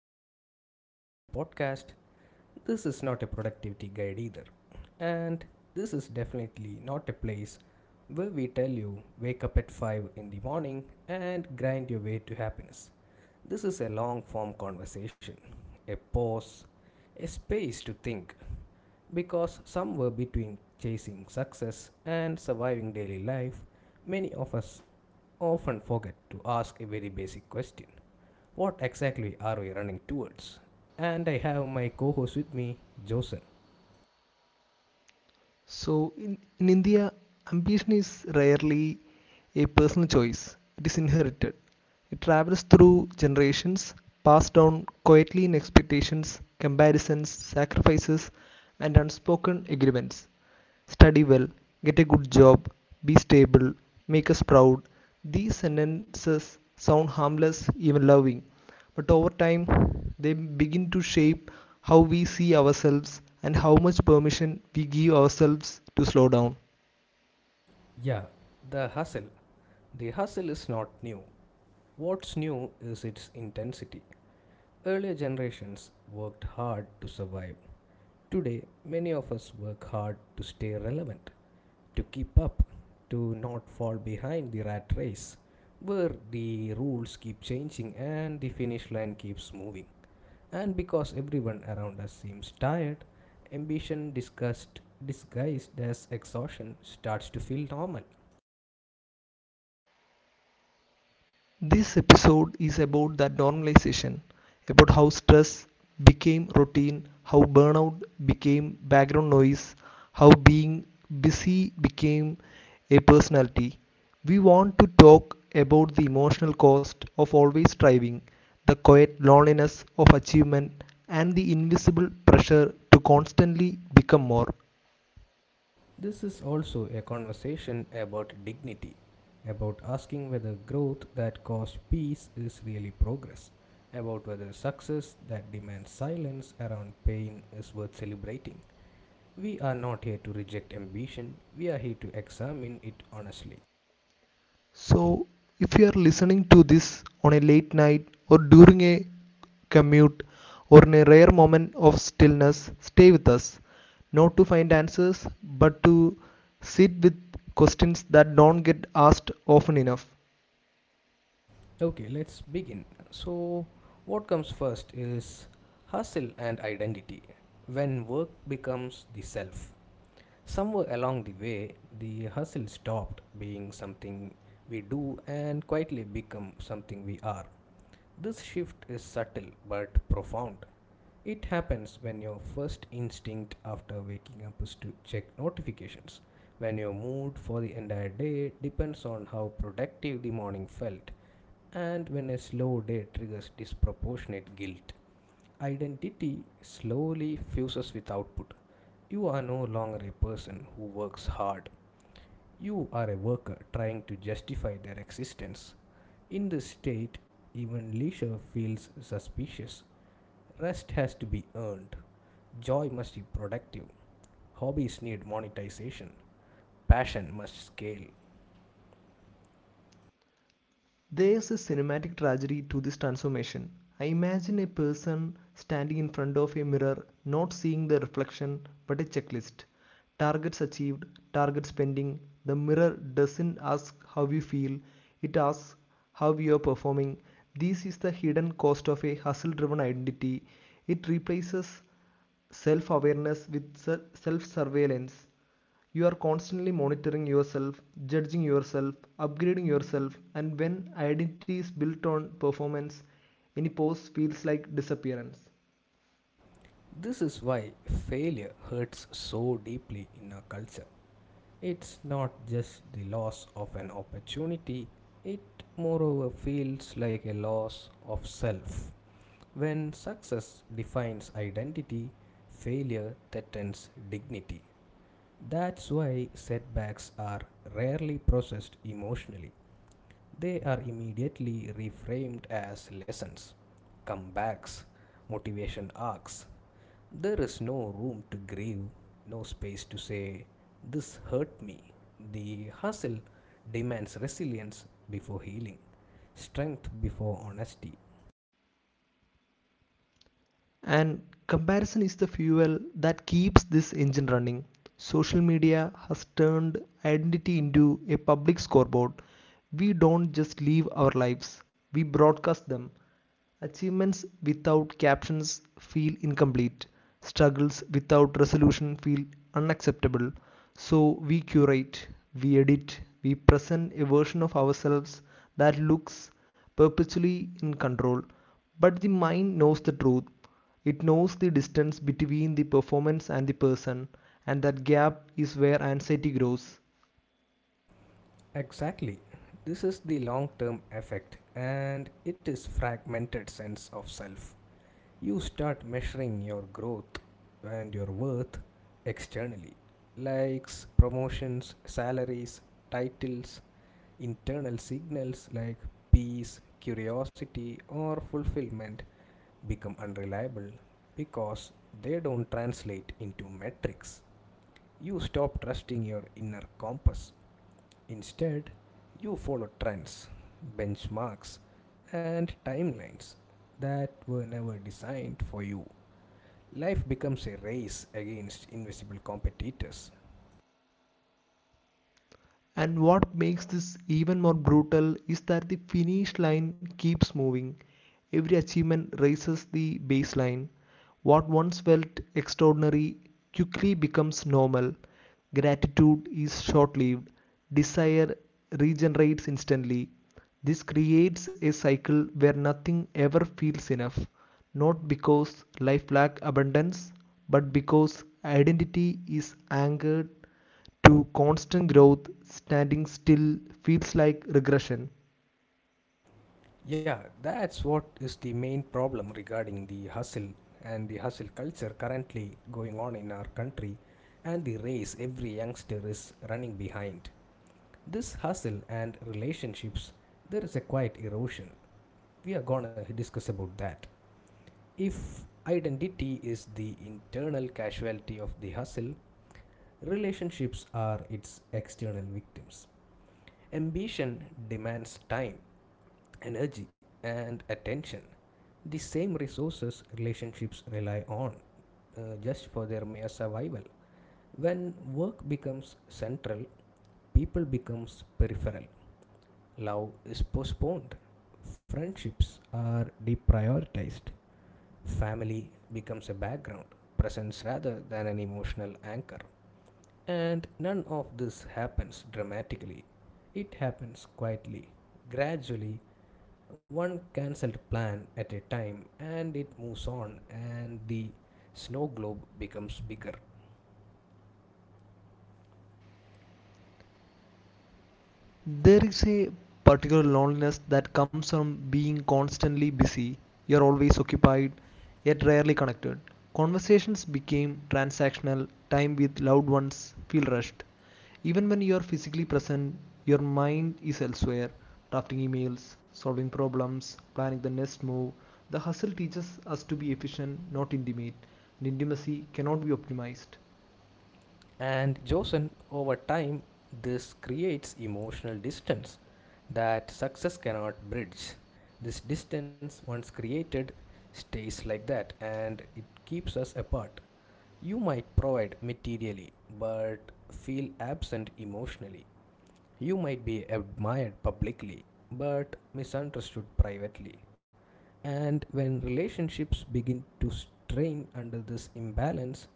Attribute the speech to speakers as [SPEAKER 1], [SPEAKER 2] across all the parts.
[SPEAKER 1] is not a motivational podcast, this is not a productivity guide either. And this is definitely not a place where we tell you wake up at 5 in the morning and grind your way to happiness. This is a long form conversation, a pause, a space to think because somewhere between chasing success and surviving daily life, many of us often forget to ask a very basic question, what exactly are we running towards? And I have my co host with me, Joseph.
[SPEAKER 2] So in India, ambition is rarely a personal choice, it is inherited. It travels through generations, passed down quietly in expectations, comparisons, sacrifices, and unspoken agreements study well, get a good job, be stable, make us proud. These sentences sound harmless, even loving, but over time they begin to shape how we see ourselves and how much permission we give ourselves to slow down.
[SPEAKER 1] Yeah, the hustle. The hustle is not new. What's new is its intensity. Earlier generations worked hard to survive. Today, many of us work hard to stay relevant, to keep up, to not fall behind the rat race, where the rules keep changing and the finish line keeps moving. And because everyone around us seems tired, ambition disgust, disguised as exhaustion starts to feel normal.
[SPEAKER 2] This episode is about that normalization, about how stress became routine, how burnout became background noise, how being busy became a personality. We want to talk about the emotional cost of always striving, the quiet loneliness of achievement, and the invisible pressure to constantly become more.
[SPEAKER 1] This is also a conversation about dignity, about asking whether growth that costs peace is really progress, about whether success that demands silence around pain is worth celebrating. We are not here to reject ambition, we are here to examine it honestly.
[SPEAKER 2] So, if you are listening to this on a late night or during a commute or in a rare moment of stillness, stay with us, not to find answers, but to sit with questions that don't get asked often enough.
[SPEAKER 1] Okay, let's begin. So, what comes first is hustle and identity. When work becomes the self, somewhere along the way, the hustle stopped being something we do and quietly become something we are. This shift is subtle but profound. It happens when your first instinct after waking up is to check notifications, when your mood for the entire day depends on how productive the morning felt, and when a slow day triggers disproportionate guilt. Identity slowly fuses with output. You are no longer a person who works hard. You are a worker trying to justify their existence. In this state, even leisure feels suspicious. Rest has to be earned. Joy must be productive. Hobbies need monetization. Passion must scale.
[SPEAKER 2] There's a cinematic tragedy to this transformation. I imagine a person standing in front of a mirror, not seeing the reflection, but a checklist. Targets achieved, target spending. The mirror doesn't ask how you feel, it asks how you are performing. This is the hidden cost of a hustle driven identity. It replaces self awareness with self surveillance. You are constantly monitoring yourself, judging yourself, upgrading yourself, and when identity is built on performance, any pause feels like disappearance.
[SPEAKER 1] This is why failure hurts so deeply in our culture. It's not just the loss of an opportunity, it moreover feels like a loss of self. When success defines identity, failure threatens dignity. That's why setbacks are rarely processed emotionally. They are immediately reframed as lessons, comebacks, motivation arcs. There is no room to grieve, no space to say, this hurt me. The hustle demands resilience before healing, strength before honesty.
[SPEAKER 2] And comparison is the fuel that keeps this engine running. Social media has turned identity into a public scoreboard. We don't just live our lives, we broadcast them. Achievements without captions feel incomplete. Struggles without resolution feel unacceptable. So we curate, we edit, we present a version of ourselves that looks perpetually in control. But the mind knows the truth. It knows the distance between the performance and the person, and that gap is where anxiety grows.
[SPEAKER 1] Exactly. This is the long term effect and it is fragmented sense of self. You start measuring your growth and your worth externally, likes promotions, salaries, titles. Internal signals like peace, curiosity or fulfillment become unreliable because they don't translate into metrics. You stop trusting your inner compass. Instead, you follow trends, benchmarks, and timelines that were never designed for you. Life becomes a race against invisible competitors.
[SPEAKER 2] And what makes this even more brutal is that the finish line keeps moving. Every achievement raises the baseline. What once felt extraordinary quickly becomes normal. Gratitude is short lived. Desire regenerates instantly. This creates a cycle where nothing ever feels enough, not because life lacks abundance, but because identity is anchored to constant growth, standing still feels like regression.
[SPEAKER 1] Yeah, that's what is the main problem regarding the hustle and the hustle culture currently going on in our country and the race every youngster is running behind. This hustle and relationships, there is a quiet erosion. We are gonna discuss about that. If identity is the internal casualty of the hustle, relationships are its external victims. Ambition demands time, energy, and attention, the same resources relationships rely on just for their mere survival. When work becomes central, people becomes peripheral. Love is postponed. Friendships are deprioritized. Family becomes a background presence rather than an emotional anchor. And none of this happens dramatically. It happens quietly, gradually, one cancelled plan at a time, and it moves on, and the snow globe becomes bigger.
[SPEAKER 2] There is a particular loneliness that comes from being constantly busy. You're always occupied, yet rarely connected. Conversations became transactional, time with loved ones feel rushed. Even when you are physically present, your mind is elsewhere, drafting emails, solving problems, planning the next move. The hustle teaches us to be efficient, not intimate, and intimacy cannot be optimized.
[SPEAKER 1] And Josen, over time, this creates emotional distance that success cannot bridge. This distance, once created, stays like that and it keeps us apart. You might provide materially, but feel absent emotionally. You might be admired publicly, but misunderstood privately. And when relationships begin to strain under this imbalance,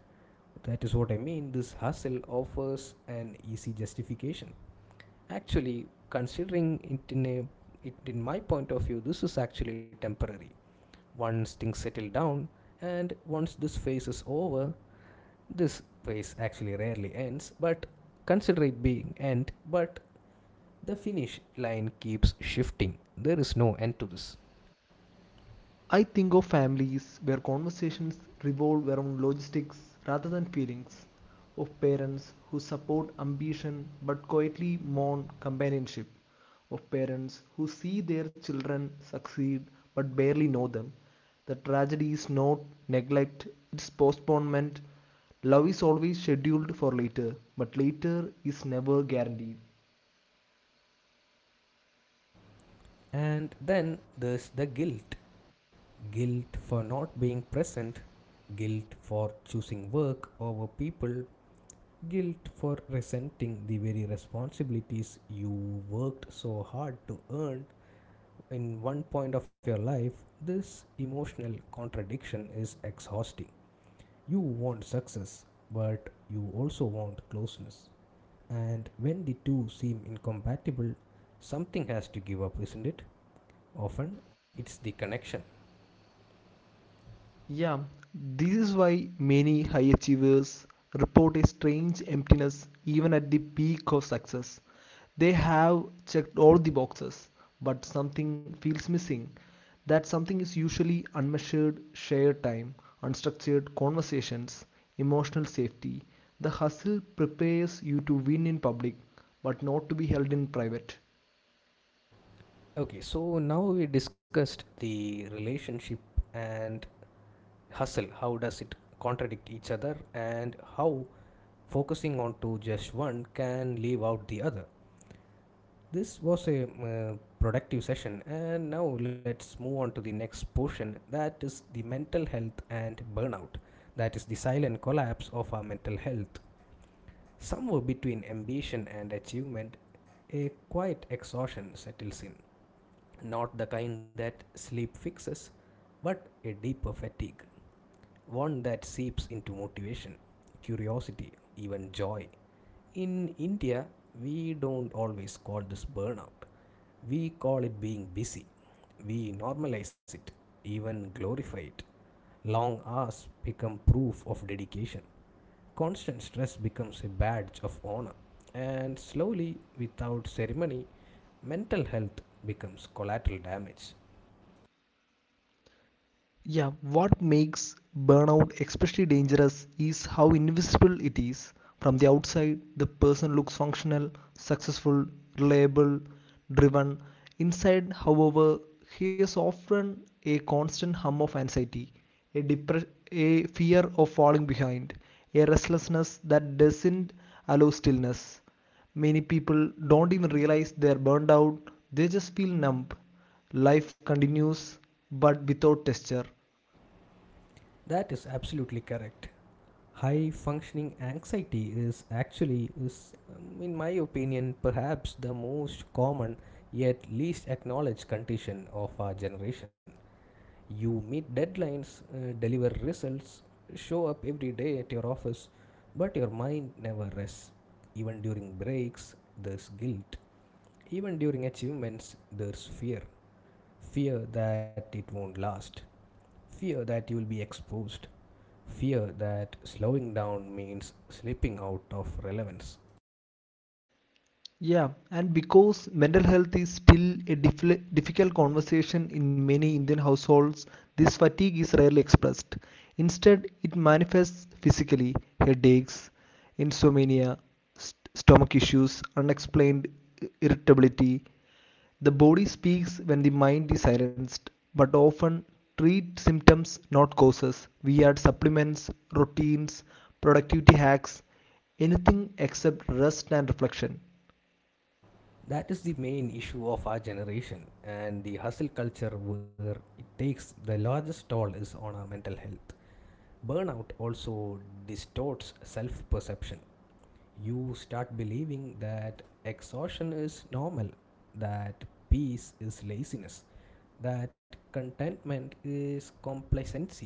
[SPEAKER 1] that is what I mean. This hustle offers an easy justification. Actually, considering it in my point of view, this is actually temporary. Once things settle down, and once this phase is over, this phase actually rarely ends. But consider it being end, but the finish line keeps shifting. There is no end to this.
[SPEAKER 2] I think of families where conversations revolve around logistics rather than feelings, of parents who support ambition but quietly mourn companionship, of parents who see their children succeed but barely know them. The tragedy is not neglect, it's postponement. Love is always scheduled for later, but later is never guaranteed.
[SPEAKER 1] And then there's the guilt. Guilt for not being present, guilt for choosing work over people, guilt for resenting the very responsibilities you worked so hard to earn in one point of your life, this emotional contradiction is exhausting. You want success, but you also want closeness. And when the two seem incompatible, something has to give up, isn't it? Often it's the connection.
[SPEAKER 2] Yeah, this is why many high achievers report a strange emptiness even at the peak of success. They have checked all the boxes, but something feels missing. That something is usually unmeasured shared time, unstructured conversations, emotional safety. The hustle prepares you to win in public, but not to be held in private.
[SPEAKER 1] Okay, so now we discussed the relationship and hustle. How does it contradict each other, and how focusing on to just one can leave out the other. This was a productive session, and now let's move on to the next portion that is the mental health and burnout. That is the silent collapse of our mental health. Somewhere between ambition and achievement, a quiet exhaustion settles in, not the kind that sleep fixes, but a deeper fatigue, one that seeps into motivation, curiosity, even joy. In India, we don't always call this burnout, we call it being busy. We normalize it, even glorify it. Long hours become proof of dedication. Constant stress becomes a badge of honor. And slowly, without ceremony, mental health becomes collateral damage.
[SPEAKER 2] Yeah, what makes burnout especially dangerous is how invisible it is. From the outside, the person looks functional, successful, reliable, driven. Inside, however, he is often a constant hum of anxiety, a fear of falling behind, a restlessness that doesn't allow stillness. Many people don't even realize they're burned out, they just feel numb. Life continues, but without texture.
[SPEAKER 1] That is absolutely correct. High functioning anxiety is actually is in my opinion perhaps the most common yet least acknowledged condition of our generation. You meet deadlines, deliver results, show up every day at your office, but your mind never rests. Even during breaks, there's guilt. Even during achievements, there's fear. Fear that it won't last. Fear that you will be exposed. Fear that slowing down means slipping out of relevance.
[SPEAKER 2] Yeah, and because mental health is still a difficult conversation in many Indian households, this fatigue is rarely expressed. Instead, it manifests physically headaches, insomnia, stomach issues, unexplained irritability. The body speaks when the mind is silenced, but often treat symptoms, not causes. We add supplements, routines, productivity hacks, anything except rest and reflection.
[SPEAKER 1] That is the main issue of our generation and the hustle culture where it takes the largest toll is on our mental health. Burnout also distorts self perception. You start believing that exhaustion is normal, that peace is laziness, that contentment is complacency.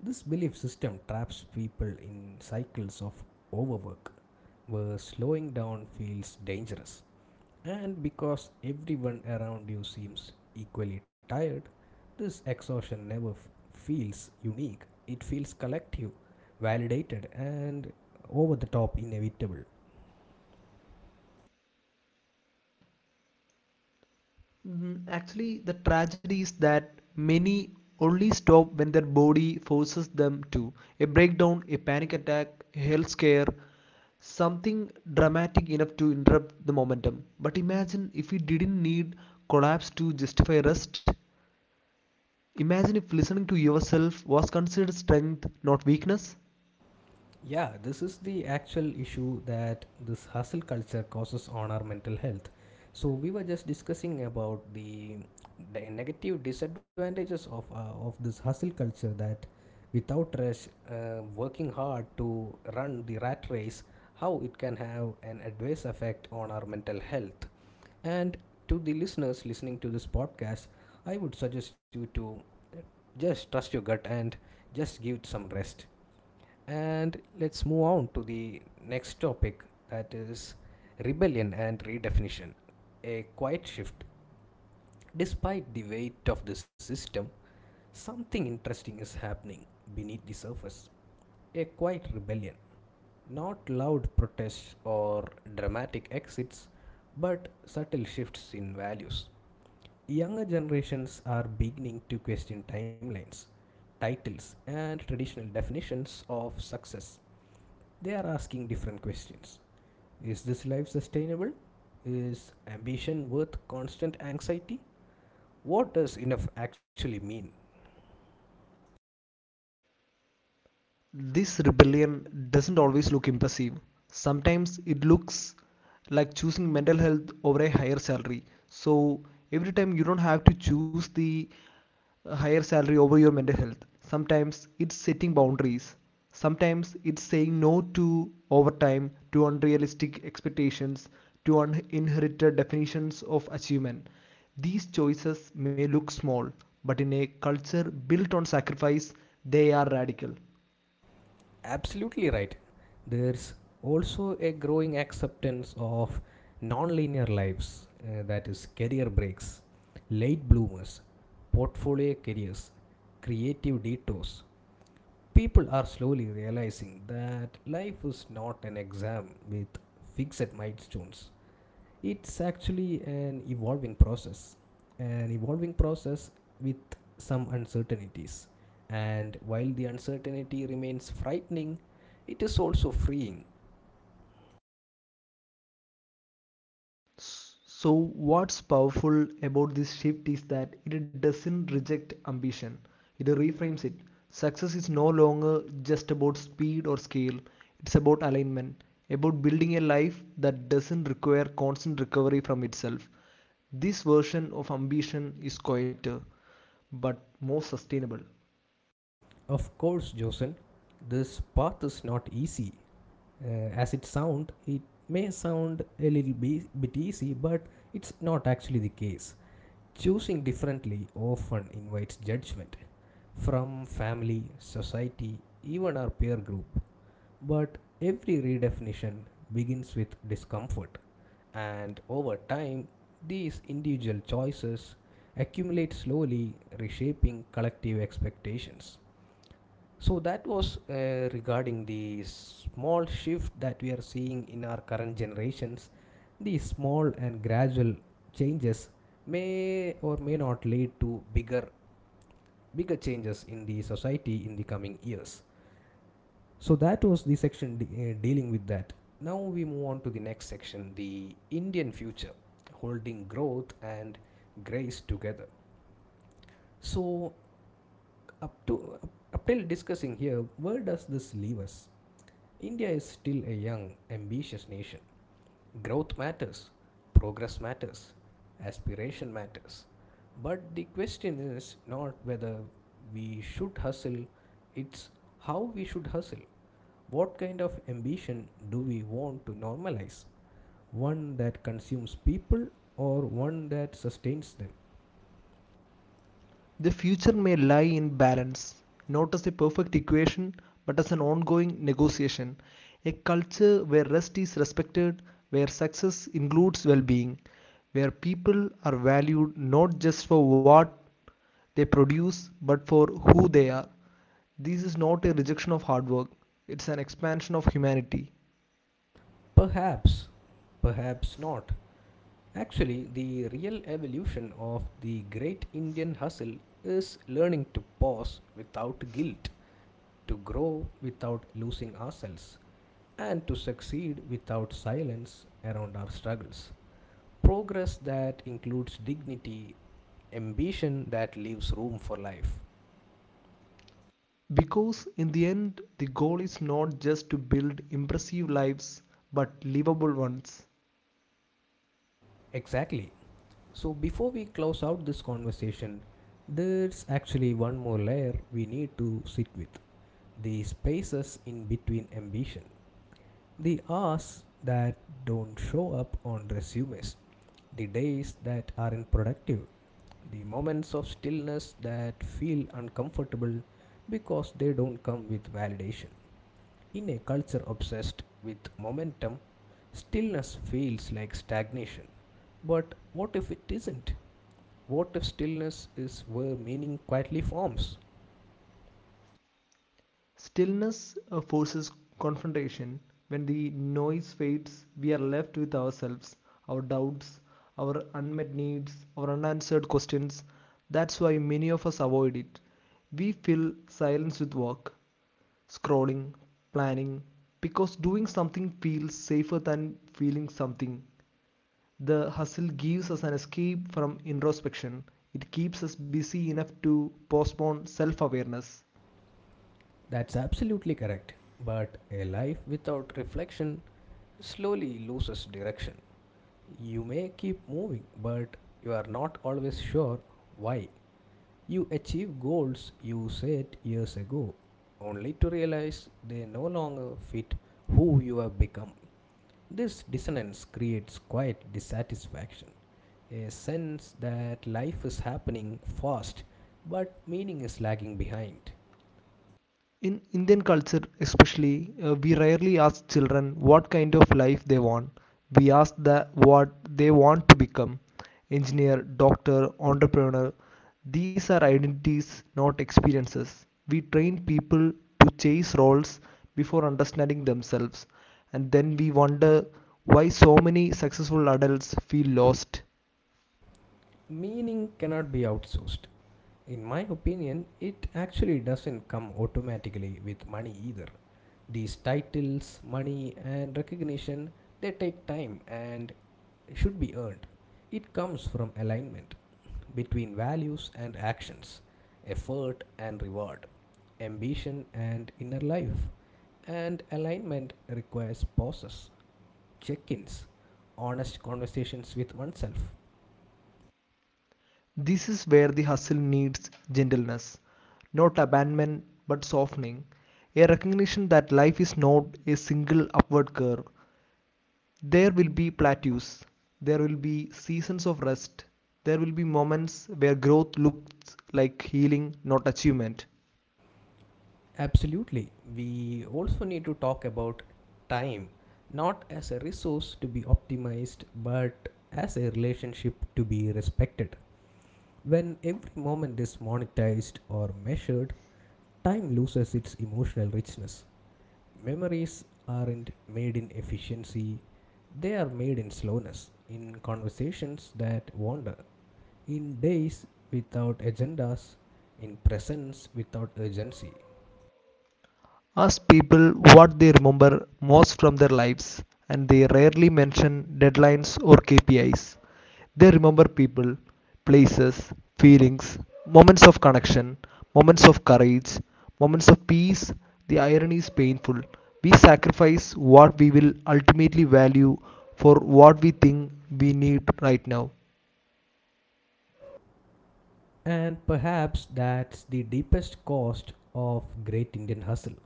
[SPEAKER 1] This belief system traps people in cycles of overwork where slowing down feels dangerous. And because everyone around you seems equally tired, this exhaustion never feels unique. It feels collective, validated, and over the top inevitable.
[SPEAKER 2] Mm, actually, the tragedy is that many only stop when their body forces them to. A breakdown, a panic attack, a health scare, something dramatic enough to interrupt the momentum. But imagine if we didn't need collapse to justify rest. Imagine if listening to yourself was considered strength, not weakness.
[SPEAKER 1] Yeah, this is the actual issue that this hustle culture causes on our mental health. So we were just discussing about the negative disadvantages of this hustle culture, that without rest, working hard to run the rat race, how it can have an adverse effect on our mental health. And to the listeners listening to this podcast, I would suggest you to just trust your gut and just give it some rest. And let's move on to the next topic, that is rebellion and redefinition. A quiet shift. Despite the weight of the system, something interesting is happening beneath the surface. A quiet rebellion. Not loud protests or dramatic exits, but subtle shifts in values. Younger generations are beginning to question timelines, titles, and traditional definitions of success. They are asking different questions. Is this life sustainable? Is ambition worth constant anxiety? What does enough actually mean?
[SPEAKER 2] This rebellion doesn't always look impressive. Sometimes it looks like choosing mental health over a higher salary. So every time you don't have to choose the higher salary over your mental health. Sometimes it's setting boundaries. Sometimes it's saying no to overtime, to unrealistic expectations, to uninherited definitions of achievement. These choices may look small, but in a culture built on sacrifice, they are radical.
[SPEAKER 1] Absolutely right. There's also a growing acceptance of non-linear lives, that is, career breaks, late bloomers, portfolio careers, creative detours. People are slowly realizing that life is not an exam with fixed milestones. It's actually an evolving process, an evolving process with some uncertainties, and while the uncertainty remains frightening, it is also freeing.
[SPEAKER 2] So, what's powerful about this shift is that it doesn't reject ambition, it reframes it. Success is no longer just about speed or scale, it's about alignment, about building a life that doesn't require constant recovery from itself. This version of ambition is quieter, but more sustainable.
[SPEAKER 1] Of course, Josen, this path is not easy, uh, as it sound it may sound a little bit easy, but it's not actually the case. Choosing differently often invites judgment from family, society, even our peer group. But every redefinition begins with discomfort, and over time, these individual choices accumulate slowly, reshaping collective expectations. So, that was regarding the small shift that we are seeing in our current generations. These small and gradual changes may or may not lead to bigger changes in the society in the coming years. So that was the section dealing with that. Now we move on to the next section, the Indian future, holding growth and grace together. So up to up till discussing here, where does this leave us? India is still a young, ambitious nation. Growth matters, progress matters, aspiration matters. But the question is not whether we should hustle, it's how we should hustle. What kind of ambition do we want to normalize? One that consumes people or one that sustains them?
[SPEAKER 2] The future may lie in balance, not as a perfect equation, but as an ongoing negotiation. A culture where rest is respected, where success includes well being, where people are valued not just for what they produce, but for who they are. This is not a rejection of hard work, it's an expansion of humanity.
[SPEAKER 1] Perhaps, perhaps not. Actually, the real evolution of the great Indian hustle is learning to pause without guilt, to grow without losing ourselves, and to succeed without silence around our struggles. Progress that includes dignity, ambition that leaves room for life.
[SPEAKER 2] Because in the end, the goal is not just to build impressive lives, but livable ones.
[SPEAKER 1] Exactly. So, before we close out this conversation, there's actually one more layer we need to sit with the spaces in between ambition, the hours that don't show up on resumes, the days that aren't productive, the moments of stillness that feel uncomfortable because they don't come with validation. In a culture obsessed with momentum, stillness feels like stagnation. But what if it isn't? What if stillness is where meaning quietly forms?
[SPEAKER 2] Stillness forces confrontation. When the noise fades, we are left with ourselves, our doubts, our unmet needs, our unanswered questions. That's why many of us avoid it. We fill silence with work, scrolling, planning, because doing something feels safer than feeling something. The hustle gives us an escape from introspection. It keeps us busy enough to postpone self awareness.
[SPEAKER 1] That's absolutely correct. But a life without reflection slowly loses direction. You may keep moving, but you are not always sure why. You achieve goals you set years ago, only to realize they no longer fit who you have become. This dissonance creates quiet dissatisfaction, a sense that life is happening fast but meaning is lagging behind.
[SPEAKER 2] In Indian culture, especially, we rarely ask children what kind of life they want. We ask the, what they want to become engineer, doctor, entrepreneur. These are identities, not experiences. We train people to chase roles before understanding themselves, and then we wonder why so many successful adults feel lost.
[SPEAKER 1] Meaning cannot be outsourced. In my opinion, it actually doesn't come automatically with money either. These titles, money, and recognition, they take time and should be earned. It comes from alignment, between values and actions, effort and reward, ambition and inner life. And alignment requires pauses, check ins, honest conversations with oneself.
[SPEAKER 2] This is where the hustle needs gentleness, not abandonment but softening. A recognition that life is not a single upward curve. There will be plateaus, there will be seasons of rest, there will be moments where growth looks like healing, not achievement.
[SPEAKER 1] Absolutely. We also need to talk about time, not as a resource to be optimized, but as a relationship to be respected. When every moment is monetized or measured, time loses its emotional richness. Memories aren't made in efficiency, they are made in slowness, in conversations that wander, in days without agendas, in presence without urgency.
[SPEAKER 2] Ask people what they remember most from their lives, and they rarely mention deadlines or KPIs. They remember people, places, feelings, moments of connection, moments of courage, moments of peace. The irony is painful. We sacrifice what we will ultimately value for what we think we need right now.
[SPEAKER 1] And perhaps that's the deepest cost of great Indian hustle.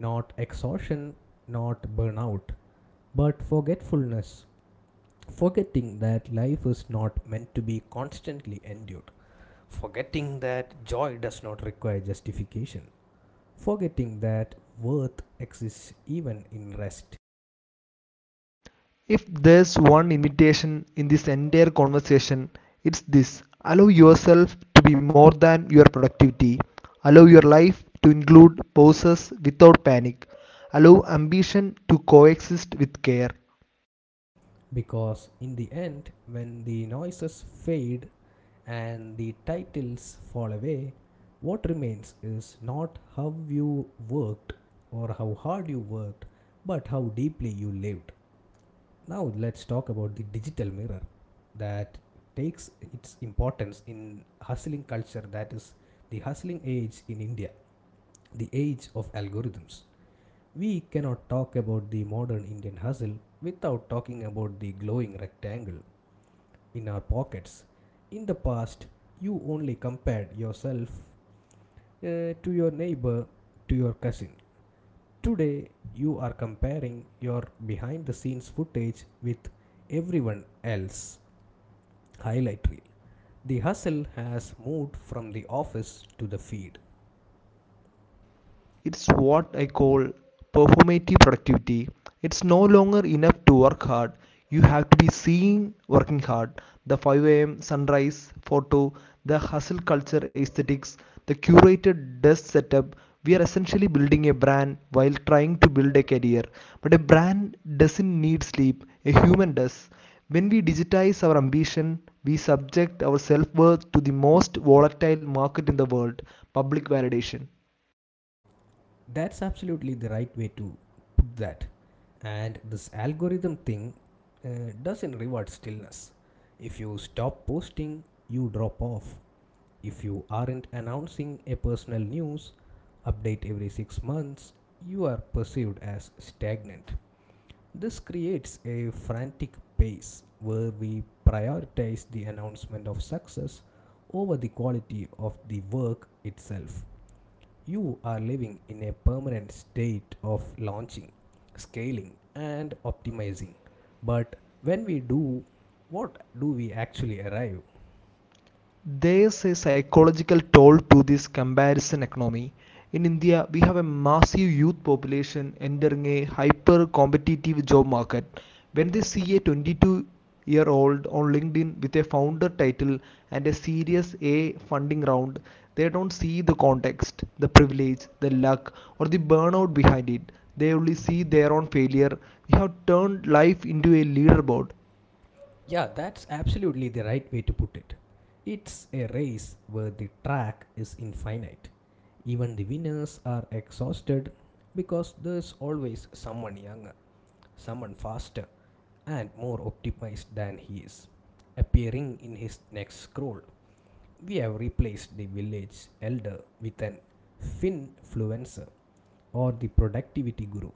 [SPEAKER 1] Not exhaustion, not burnout, but forgetfulness. Forgetting that life is not meant to be constantly endured. Forgetting that joy does not require justification. Forgetting that worth exists even in rest.
[SPEAKER 2] If there's one invitation in this entire conversation, it's this allow yourself to be more than your productivity, allow your life to include pauses without panic, allow ambition to coexist with care,
[SPEAKER 1] Because in the end, when the noises fade and the titles fall away, what remains is not how you worked or how hard you worked, but how deeply you lived. Now, let's talk about the digital mirror that takes its importance in hustling culture, that is, the hustling age in India, the age of algorithms. We cannot talk about the modern Indian hustle without talking about the glowing rectangle in our pockets. In the past, you only compared yourself to your neighbor, to your cousin. Today, you are comparing your behind the scenes footage with everyone else. Highlight reel. The hustle has moved from the office to the feed.
[SPEAKER 2] It's what I call performative productivity. It's no longer enough to work hard. You have to be seen working hard. The 5 a.m. sunrise photo, the hustle culture aesthetics, the curated desk setup. We are essentially building a brand while trying to build a career. But a brand doesn't need sleep, a human does. When we digitize our ambition, we subject our self worth to the most volatile market in the world public validation.
[SPEAKER 1] That's absolutely the right way to put that. And this algorithm thing doesn't reward stillness. If you stop posting, you drop off. If you aren't announcing a personal news update every six months, you are perceived as stagnant. This creates a frantic pace where we prioritize the announcement of success over the quality of the work itself. You are living in a permanent state of launching, scaling, and optimizing. But when we do, what do we actually arrive?
[SPEAKER 2] There's a psychological toll to this comparison economy. In India, we have a massive youth population entering a hyper competitive job market. When they see a 22-year-old year old on LinkedIn with a founder title and a Series A funding round, they don't see the context, the privilege, the luck, or the burnout behind it. They only see their own failure. We have turned life into a leaderboard.
[SPEAKER 1] Yeah, that's absolutely the right way to put it. It's a race where the track is infinite. Even the winners are exhausted because there's always someone younger, someone faster, and more optimized than he is, appearing in his next scroll. We have replaced the village elder with an finfluencer or the productivity guru.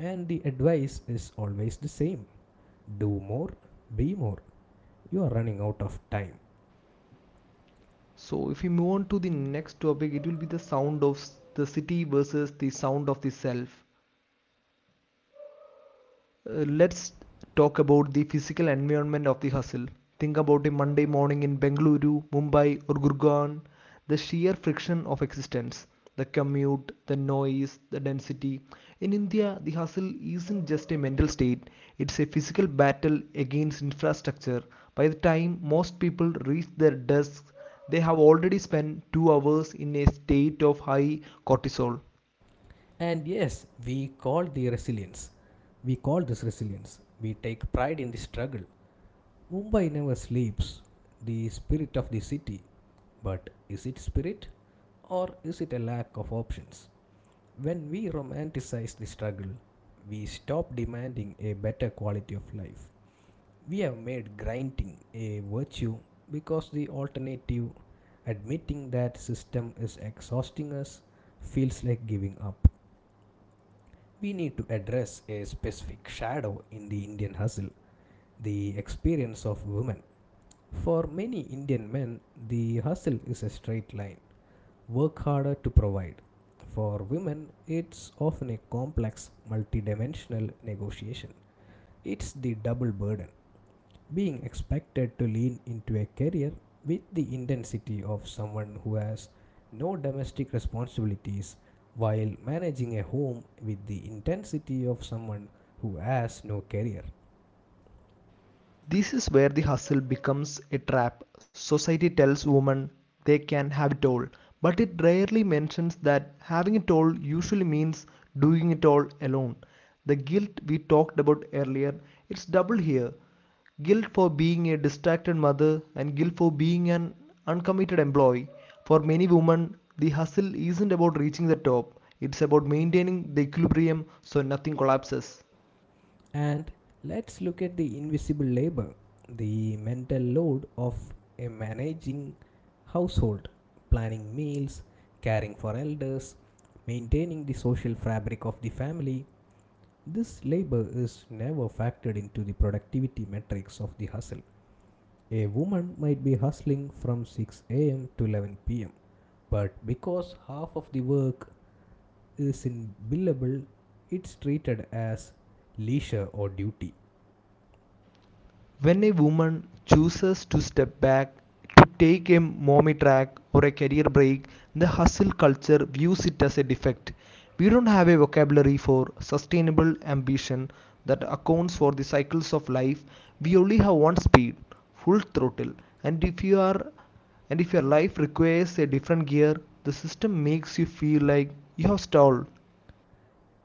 [SPEAKER 1] And the advice is always the same, do more, be more. You are running out of time.
[SPEAKER 2] So if we move on to the next topic, it will be the sound of the city versus the sound of the self. Let's talk about the physical environment of the hustle. Think about a Monday morning in Bengaluru, Mumbai, or Gurgaon. The sheer friction of existence, the commute, the noise, the density. In India, the hustle isn't just a mental state, it's a physical battle against infrastructure. By the time most people reach their desks, they have already spent 2 hours in a state of high cortisol.
[SPEAKER 1] And yes, we call the resilience. We call this resilience. We take pride in the struggle. Mumbai never sleeps, the spirit of the city. But is it spirit or is it a lack of options? When we romanticize the struggle, we stop demanding a better quality of life. We have made grinding a virtue because the alternative, admitting that system is exhausting us, feels like giving up. We need to address a specific shadow in the Indian hustle, the experience of women. For many Indian men, the hustle is a straight line, work harder to provide. For women, it's often a complex, multidimensional negotiation. It's the double burden, being expected to lean into a career with the intensity of someone who has no domestic responsibilities while managing a home with the intensity of someone who has no career.
[SPEAKER 2] This is where the hustle becomes a trap. Society tells women they can have it all, but it rarely mentions that having it all usually means doing it all alone. The guilt we talked about earlier, it's double here. Guilt for being a distracted mother and guilt for being an uncommitted employee. For many women, the hustle isn't about reaching the top. It's about maintaining the equilibrium so nothing collapses.
[SPEAKER 1] And let's look at the invisible labor, the mental load of a managing household, planning meals, caring for elders, maintaining the social fabric of the family. This labor is never factored into the productivity metrics of the hustle. A woman might be hustling from 6 a.m. to 11 p.m., but because half of the work is in billable, it's treated as leisure or duty.
[SPEAKER 2] When a woman chooses to step back, to take a mommy track or a career break, the hustle culture views it as a defect. We don't have a vocabulary for sustainable ambition that accounts for the cycles of life. We only have one speed, full throttle. And if you are and if your life requires a different gear, the system makes you feel like you have stalled.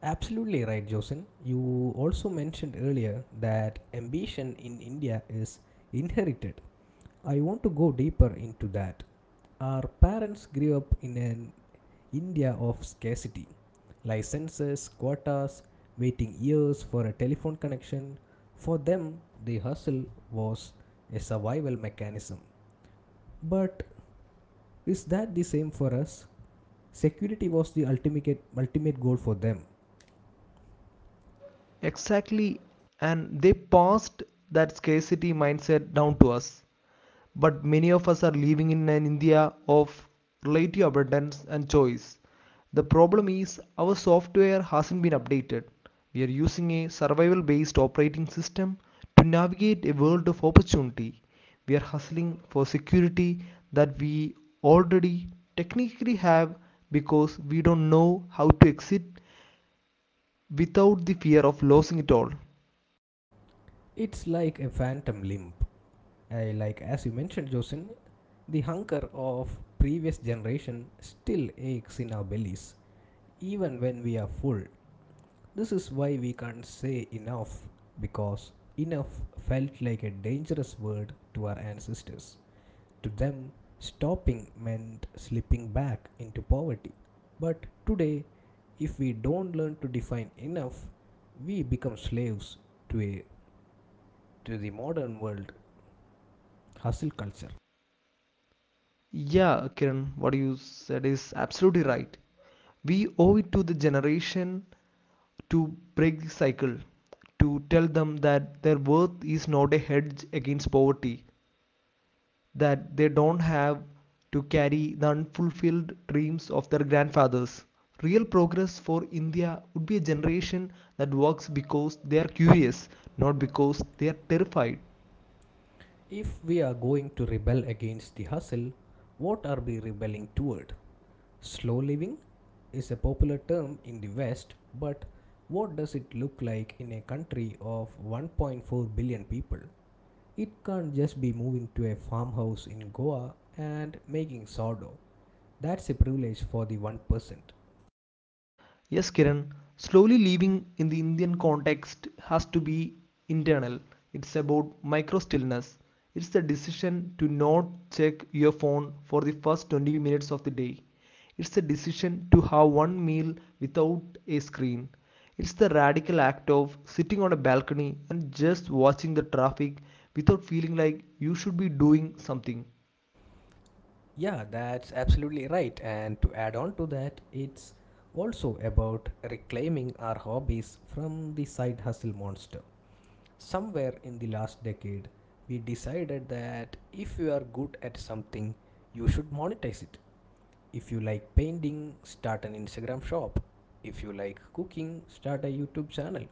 [SPEAKER 1] Absolutely right, Josin. You also mentioned earlier that ambition in India is inherited. I want to go deeper into that. Our parents grew up in an India of scarcity, licenses, quotas, waiting years for a telephone connection. For them, the hustle was a survival mechanism. But is that the same for us? Security was the ultimate goal for them.
[SPEAKER 2] Exactly, and they passed that scarcity mindset down to us. But many of us are living in an India of relative abundance and choice. The problem is our software hasn't been updated. We are using a survival based operating system to navigate a world of opportunity. We are hustling for security that we already technically have because we don't know how to exit without the fear of losing it all.
[SPEAKER 1] It's like a phantom limp. Like as you mentioned, Josin, the hunger of previous generation still aches in our bellies, even when we are full. This is why we can't say enough, because enough felt like a dangerous word to our ancestors. To them, stopping meant slipping back into poverty. But today, if we don't learn to define enough, we become slaves to a to the modern world hustle culture.
[SPEAKER 2] Yeah, Kiran, what you said is absolutely right. We owe it to the generation to break the cycle, to tell them that their worth is not a hedge against poverty, that they don't have to carry the unfulfilled dreams of their grandfathers. Real progress for India would be a generation that works because they are curious, not because they are terrified.
[SPEAKER 1] If we are going to rebel against the hustle, what are we rebelling toward? Slow living is a popular term in the West, but what does it look like in a country of 1.4 billion people? It can't just be moving to a farmhouse in Goa and making sourdough. That's a privilege for the 1%.
[SPEAKER 2] Yes, Kiran, slowly living in the Indian context has to be internal. It's about micro stillness. It's the decision to not check your phone for the first 20 minutes of the day. It's the decision to have one meal without a screen. It's the radical act of sitting on a balcony and just watching the traffic without feeling like you should be doing something.
[SPEAKER 1] Yeah, that's absolutely right. And to add on to that, it's also about reclaiming our hobbies from the side hustle monster. Somewhere in the last decade, we decided that if you are good at something, you should monetize it. If you like painting, start an Instagram shop. If you like cooking, start a YouTube channel.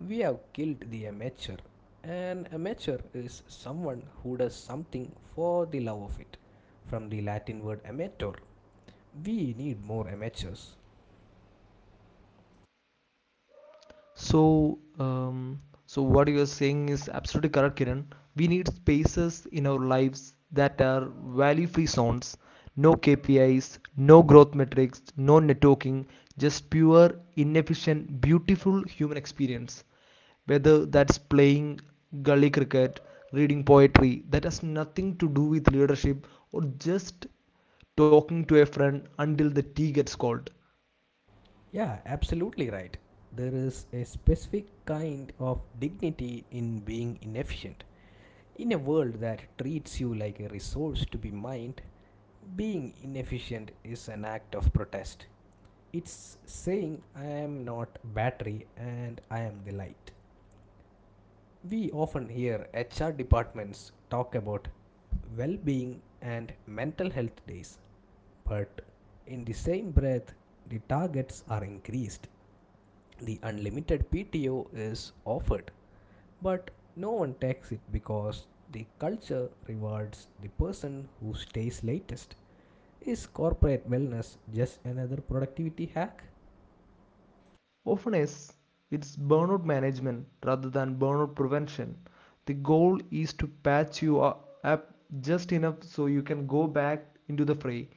[SPEAKER 1] We have killed the amateur. An amateur is someone who does something for the love of it, from the Latin word amateur. We need more amateurs.
[SPEAKER 2] So, um, so what you are saying is absolutely correct, Kiran. We need spaces in our lives that are value-free zones. No KPIs, no growth metrics, no networking, just pure, inefficient, beautiful human experience. Whether that's playing gully cricket, reading poetry, that has nothing to do with leadership or just talking to a friend until the tea gets cold.
[SPEAKER 1] Yeah, absolutely right. There is a specific kind of dignity in being inefficient. In a world that treats you like a resource to be mined, being inefficient is an act of protest. It's saying, I am not battery and I am the light. We often hear HR departments talk about well being and mental health days, but in the same breath, the targets are increased. The unlimited PTO is offered, but no one takes it because the culture rewards the person who stays latest. Is corporate wellness just another productivity hack?
[SPEAKER 2] Often is it's burnout management rather than burnout prevention. The goal is to patch you up just enough so you can go back into the fray.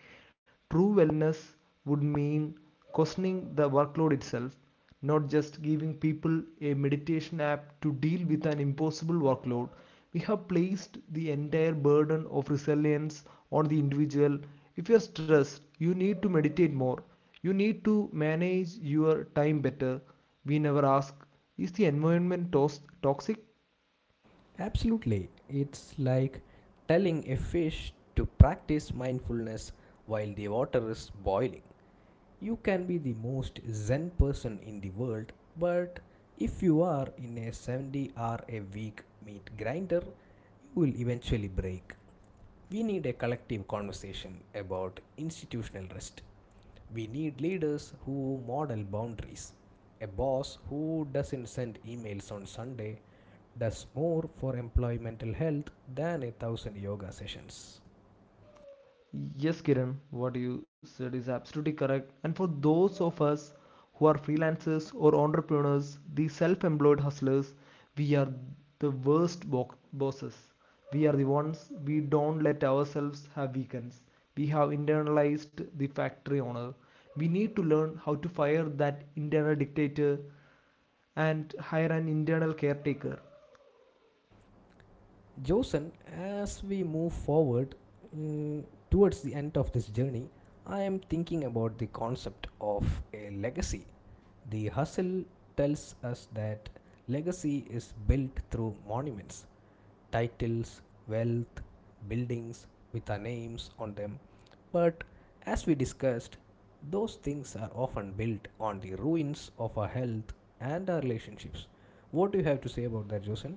[SPEAKER 2] True wellness would mean questioning the workload itself, not just giving people a meditation app to deal with an impossible workload. We have placed the entire burden of resilience on the individual. If you're stressed, you need to meditate more. You need to manage your time better. We never ask, is the environment toxic?
[SPEAKER 1] Absolutely. It's like telling a fish to practice mindfulness while the water is boiling. You can be the most zen person in the world, but if you are in a 70 hour a week meat grinder, you will eventually break. We need a collective conversation about institutional rest. We need leaders who model boundaries. A boss who doesn't send emails on Sunday does more for employee mental health than a thousand yoga sessions.
[SPEAKER 2] Yes, Kiran, what you said is absolutely correct. And for those of us who are freelancers or entrepreneurs, the self employed hustlers, we are the worst bosses. We are the ones we don't let ourselves have weekends. We have internalized the factory owner. We need to learn how to fire that internal dictator and hire an internal caretaker.
[SPEAKER 1] Josen, as we move forward mm, towards the end of this journey, I am thinking about the concept of a legacy. The hustle tells us that legacy is built through monuments, titles, wealth, buildings with our names on them. But as we discussed, those things are often built on the ruins of our health and our relationships. What do you have to say about that, Josen?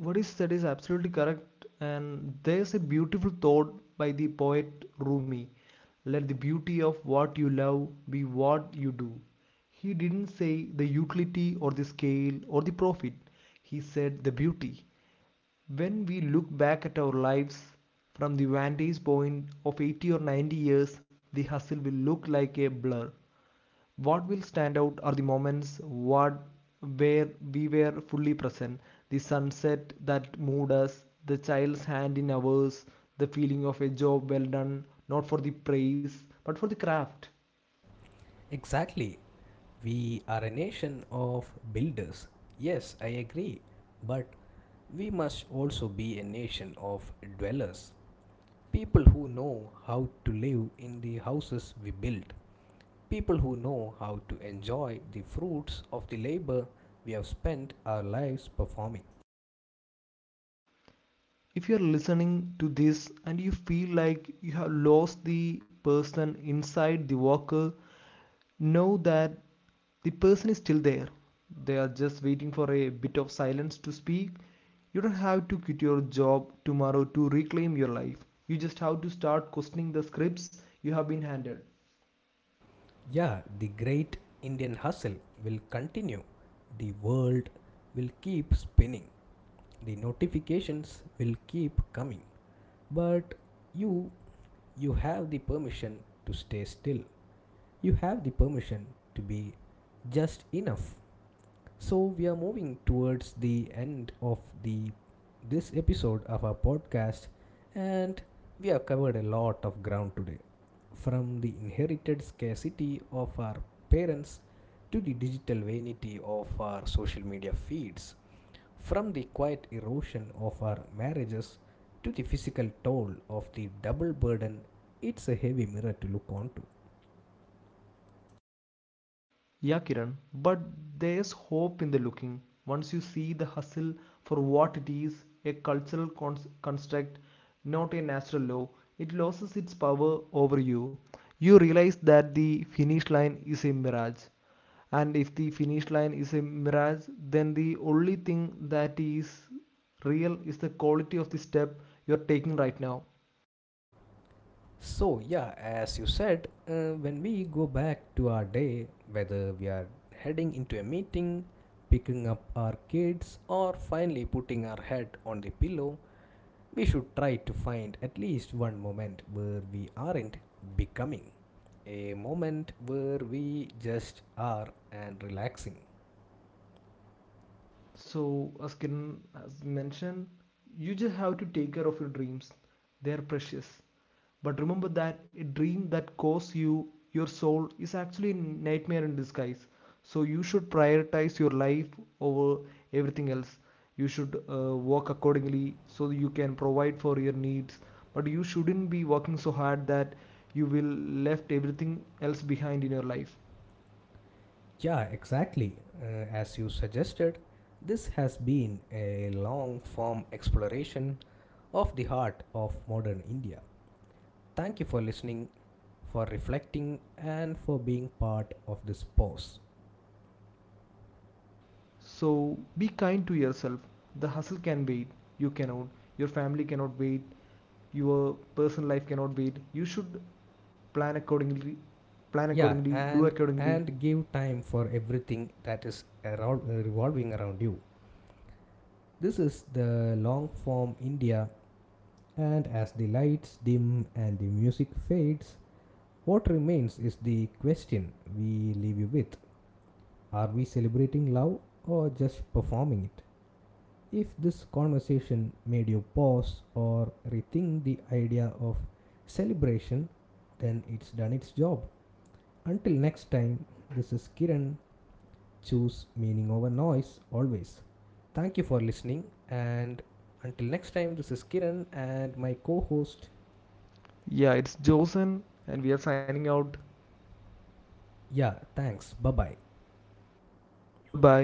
[SPEAKER 2] What is said is absolutely correct, and there's a beautiful thought by the poet Rumi: let the beauty of what you love be what you do. He didn't say the utility or the scale or the profit, he said the beauty. When we look back at our lives from the vantage point of 80 or 90 years, the hustle will look like a blur. What will stand out are the moments, what, where we were fully present, the sunset that moved us, the child's hand in ours, the feeling of a job well done, not for the praise but for the craft.
[SPEAKER 1] Exactly. We are a nation of builders. Yes, I agree. But we must also be a nation of dwellers. People who know how to live in the houses we build. People who know how to enjoy the fruits of the labor we have spent our lives performing.
[SPEAKER 2] If you are listening to this and you feel like you have lost the person inside the worker, know that the person is still there. They are just waiting for a bit of silence to speak. You don't have to quit your job tomorrow to reclaim your life. You just have to start questioning the scripts you have been handed.
[SPEAKER 1] Yeah, the great Indian hustle will continue. The world will keep spinning. The notifications will keep coming. But you, you have the permission to stay still. You have the permission to be just enough. So we are moving towards the end of the this episode of our podcast, and we have covered a lot of ground today, from the inherited scarcity of our parents to the digital vanity of our social media feeds, from the quiet erosion of our marriages to the physical toll of the double burden. It's a heavy mirror to look onto.
[SPEAKER 2] Yeah, Kiran, but there's hope in the looking. Once you see the hustle for what it is, a cultural construct, not a natural law, it loses its power over you. You realize that the finish line is a mirage. And if the finish line is a mirage, then the only thing that is real is the quality of the step you're taking right now.
[SPEAKER 1] So, yeah, as you said, when we go back to our day, whether we are heading into a meeting, picking up our kids, or finally putting our head on the pillow, we should try to find at least one moment where we aren't becoming. A moment where we just are and relaxing.
[SPEAKER 2] So, as Kiran has mentioned, you just have to take care of your dreams. They're precious. But remember that a dream that costs you your soul is actually a nightmare in disguise. So you should prioritize your life over everything else. You should work accordingly so you can provide for your needs. But you shouldn't be working so hard that you will left everything else behind in your life.
[SPEAKER 1] Yeah, exactly. As you suggested, this has been a long form exploration of the heart of modern India. Thank you for listening, for reflecting, and for being part of this pause.
[SPEAKER 2] So be kind to yourself. The hustle can wait. You cannot. Your family cannot wait. Your personal life cannot wait. You should plan accordingly, plan
[SPEAKER 1] Yeah,
[SPEAKER 2] accordingly, do
[SPEAKER 1] and
[SPEAKER 2] accordingly.
[SPEAKER 1] and give time for everything that is around, revolving around you. This is the long form India, and as the lights dim and the music fades, what remains is the question we leave you with: are we celebrating love or just performing it? If this conversation made you pause or rethink the idea of celebration, then it's done its job. Until next time, this is Kiran. Choose meaning over noise always. Thank you for listening. And until next time, this is Kiran and my co host.
[SPEAKER 2] Yeah, it's Josen and we are signing out.
[SPEAKER 1] Yeah, thanks. Bye bye.
[SPEAKER 2] Bye bye.